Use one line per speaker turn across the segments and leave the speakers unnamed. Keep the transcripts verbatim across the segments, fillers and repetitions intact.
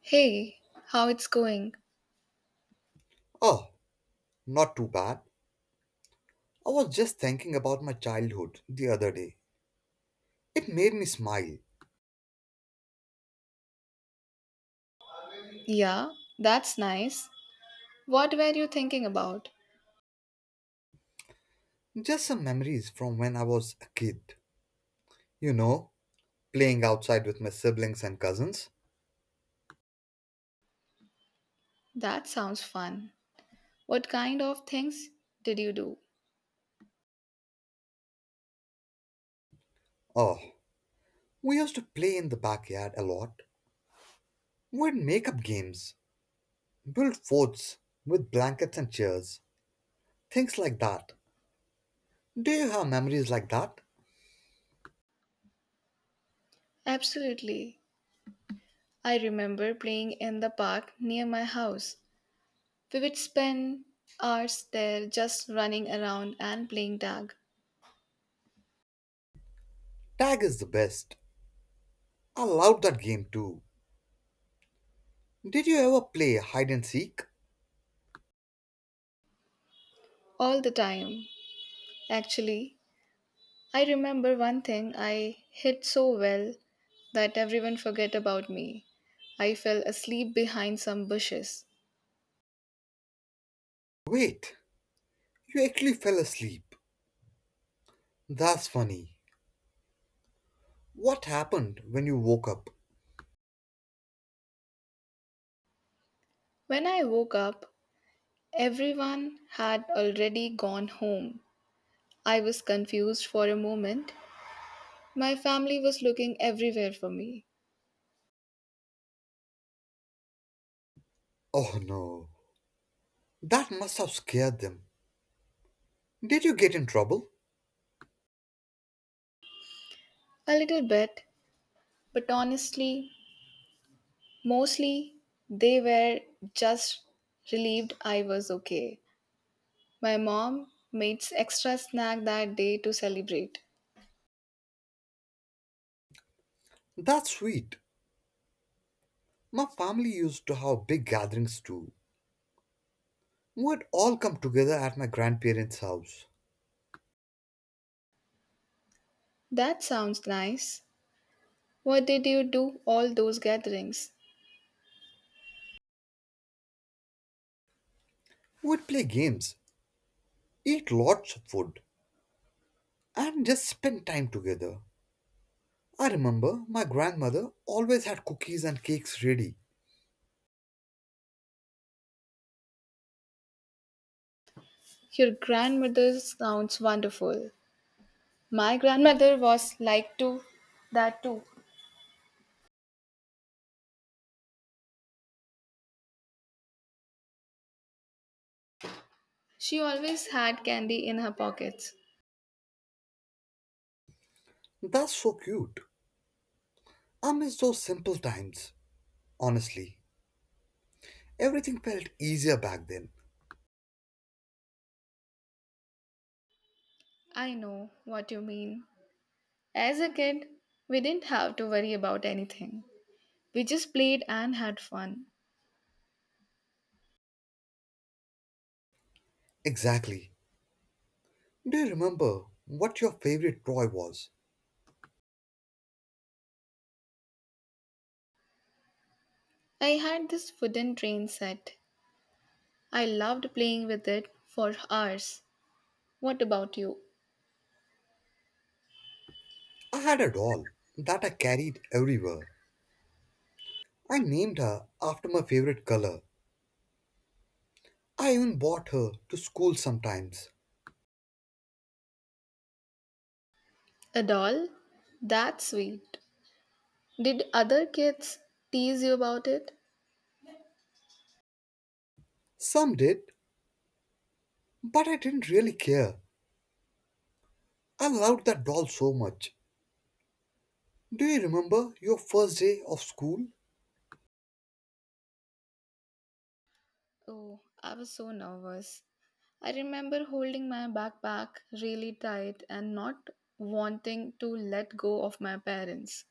Hey, how it's going?
Oh, not too bad. I was just thinking about my childhood the other day. It made me smile.
Yeah, that's nice. What were you thinking about?
Just some memories from when I was a kid. You know, playing outside with my siblings and cousins.
That sounds fun. What kind of things did you do?
Oh, we used to play in the backyard a lot. We'd make up games, build forts with blankets and chairs, things like that. Do you have memories like that?
Absolutely. I remember playing in the park near my house. We would spend hours there just running around and playing tag
Tag is the best. I loved that game too. Did you ever play hide and seek?
all the time. Actually, I remember one thing I hit so well that everyone forget about me. I fell asleep behind some bushes.
Wait, you actually fell asleep. That's funny. What happened when you woke up?
When I woke up, everyone had already gone home. I was confused for a moment. My family was looking everywhere for me.
Oh no. That must have scared them. Did you get in trouble?
A little bit, but honestly, mostly they were just relieved I was okay. My mom made extra snack that day to celebrate.
That's sweet. My family used to have big gatherings too. We'd all come together at my grandparents' house.
That sounds nice. What did you do all those gatherings?
We'd play games, eat lots of food, and just spend time together. I remember my grandmother always had cookies and cakes ready.
Your grandmother sounds wonderful. My grandmother was like to that too. She always had candy in her pockets.
That's so cute. I miss those simple times, honestly. Everything felt easier back then.
I know what you mean. As a kid, we didn't have to worry about anything. We just played and had fun.
Exactly. Do you remember what your favorite toy was?
I had this wooden train set. I loved playing with it for hours. What about you?
I had a doll that I carried everywhere. I named her after my favorite color. I even bought her to school sometimes.
A doll? That's sweet. Did other kids tease you about it?
Some did, but I didn't really care. I loved that doll so much. Do you remember your first day of school?
Oh, I was so nervous. I remember holding my backpack really tight and not wanting to let go of my parents.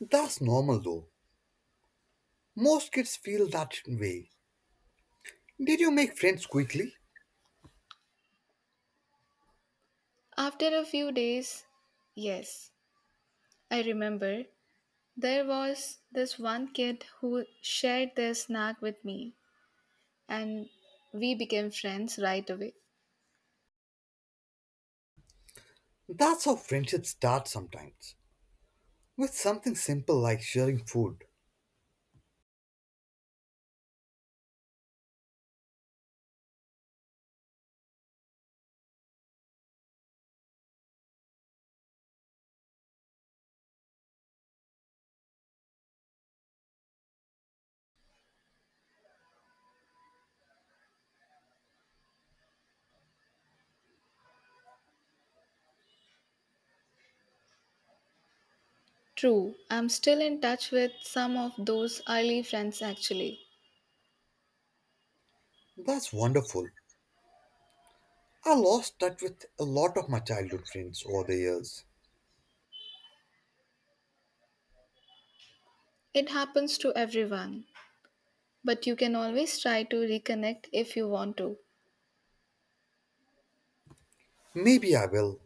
That's normal though. Most kids feel that way. Did you make friends quickly?
After a few days, yes, I remember there was this one kid who shared their snack with me and we became friends right away.
That's how friendships start sometimes. With something simple like sharing food.
True, I'm still in touch with some of those early friends actually.
That's wonderful. I lost touch with a lot of my childhood friends over the years.
It happens to everyone, but you can always try to reconnect if you want to.
Maybe I will.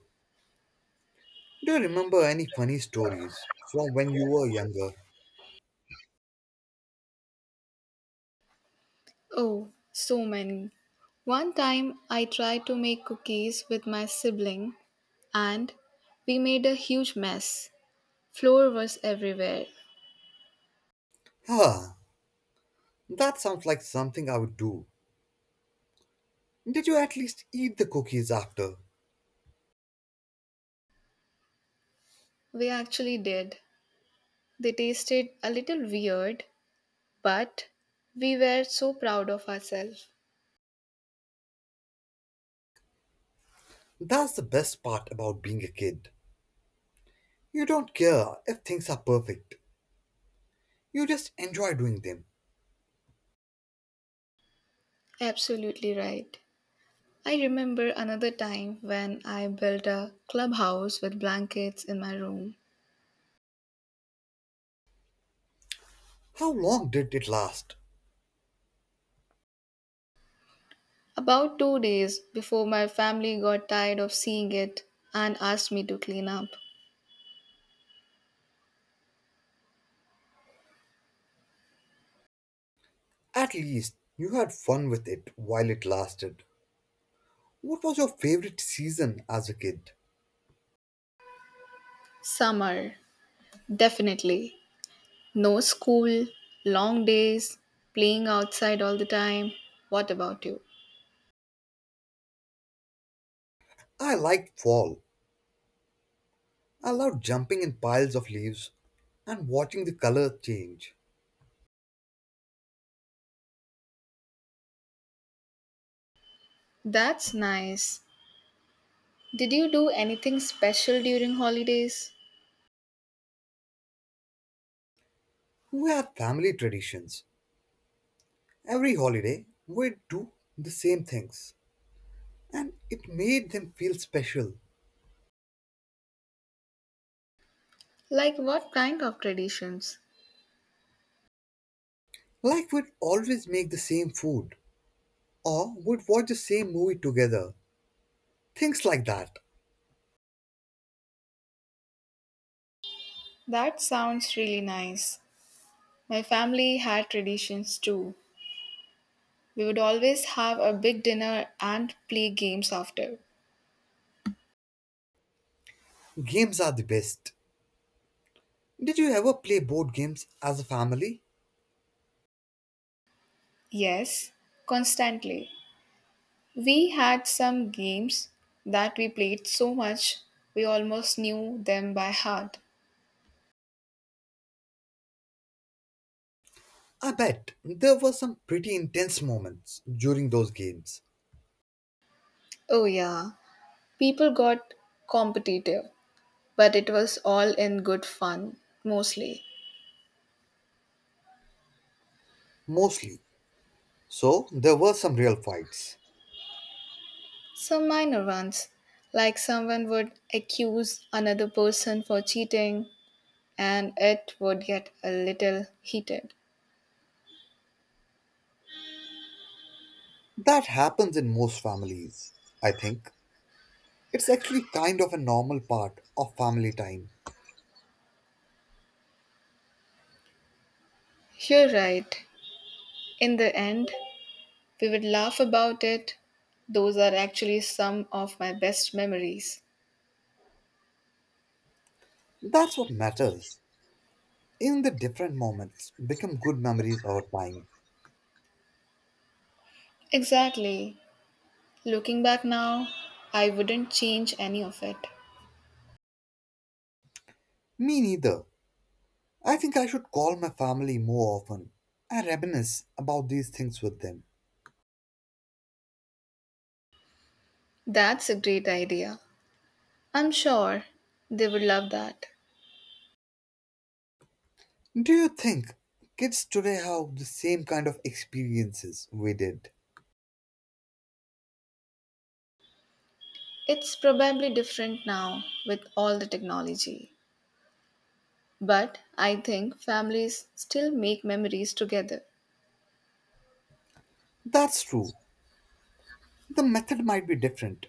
Do you remember any funny stories from when you were younger?
Oh, so many. One time I tried to make cookies with my sibling and we made a huge mess. Flour was everywhere.
Ah, that sounds like something I would do. Did you at least eat the cookies after?
We actually did. They tasted a little weird, but we were so proud of ourselves.
That's the best part about being a kid. You don't care if things are perfect. You just enjoy doing them.
Absolutely right. I remember another time when I built a clubhouse with blankets in my room.
How long did it last?
About two days before my family got tired of seeing it and asked me to clean up.
At least you had fun with it while it lasted. What was your favorite season as a kid?
Summer, definitely. No school, long days, playing outside all the time. What about you?
I liked fall. I loved jumping in piles of leaves and watching the color change.
That's nice. Did you do anything special during holidays?
We had family traditions. Every holiday, we'd do the same things. And it made them feel special.
Like what kind of traditions?
Like we'd always make the same food. Or would watch the same movie together. Things like that.
That sounds really nice. My family had traditions too. We would always have a big dinner and play games after.
Games are the best. Did you ever play board games as a family?
Yes, constantly. We had some games that we played so much we almost knew them by heart.
I bet there were some pretty intense moments during those games.
Oh, yeah. People got competitive, but it was all in good fun, mostly.
Mostly. So there were some real fights.
Some minor ones, like someone would accuse another person for cheating, and it would get a little heated.
That happens in most families, I think. It's actually kind of a normal part of family time.
You're right. In the end, we would laugh about it. Those are actually some of my best memories.
That's what matters. In the different moments, become good memories over time.
Exactly. Looking back now, I wouldn't change any of it.
Me neither. I think I should call my family more often and reminisce about these things with them.
That's a great idea. I'm sure they would love that.
Do you think kids today have the same kind of experiences we did?
It's probably different now with all the technology, but I think families still make memories together.
That's true. The method might be different,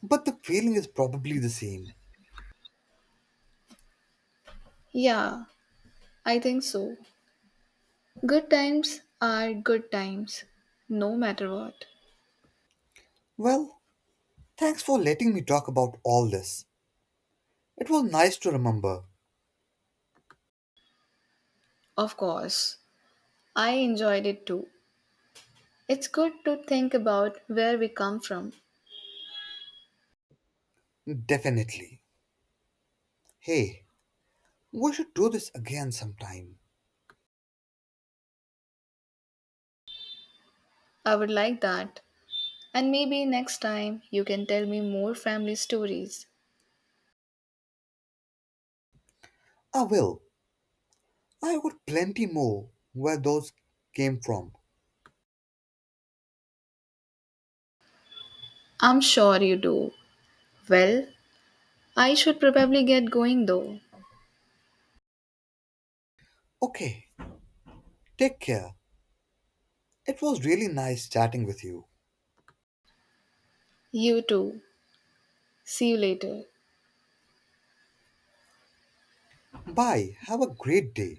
but the feeling is probably the same.
Yeah, I think so. Good times are good times, no matter what.
Well, thanks for letting me talk about all this. It was nice to remember.
Of course, I enjoyed it too. It's good to think about where we come from.
Definitely. Hey, we should do this again sometime.
I would like that. And maybe next time you can tell me more family stories.
I will. I got plenty more where those came from.
I'm sure you do. Well, I should probably get going though.
Okay, take care. It was really nice chatting with you.
You too. See you later.
Bye. Have a great day.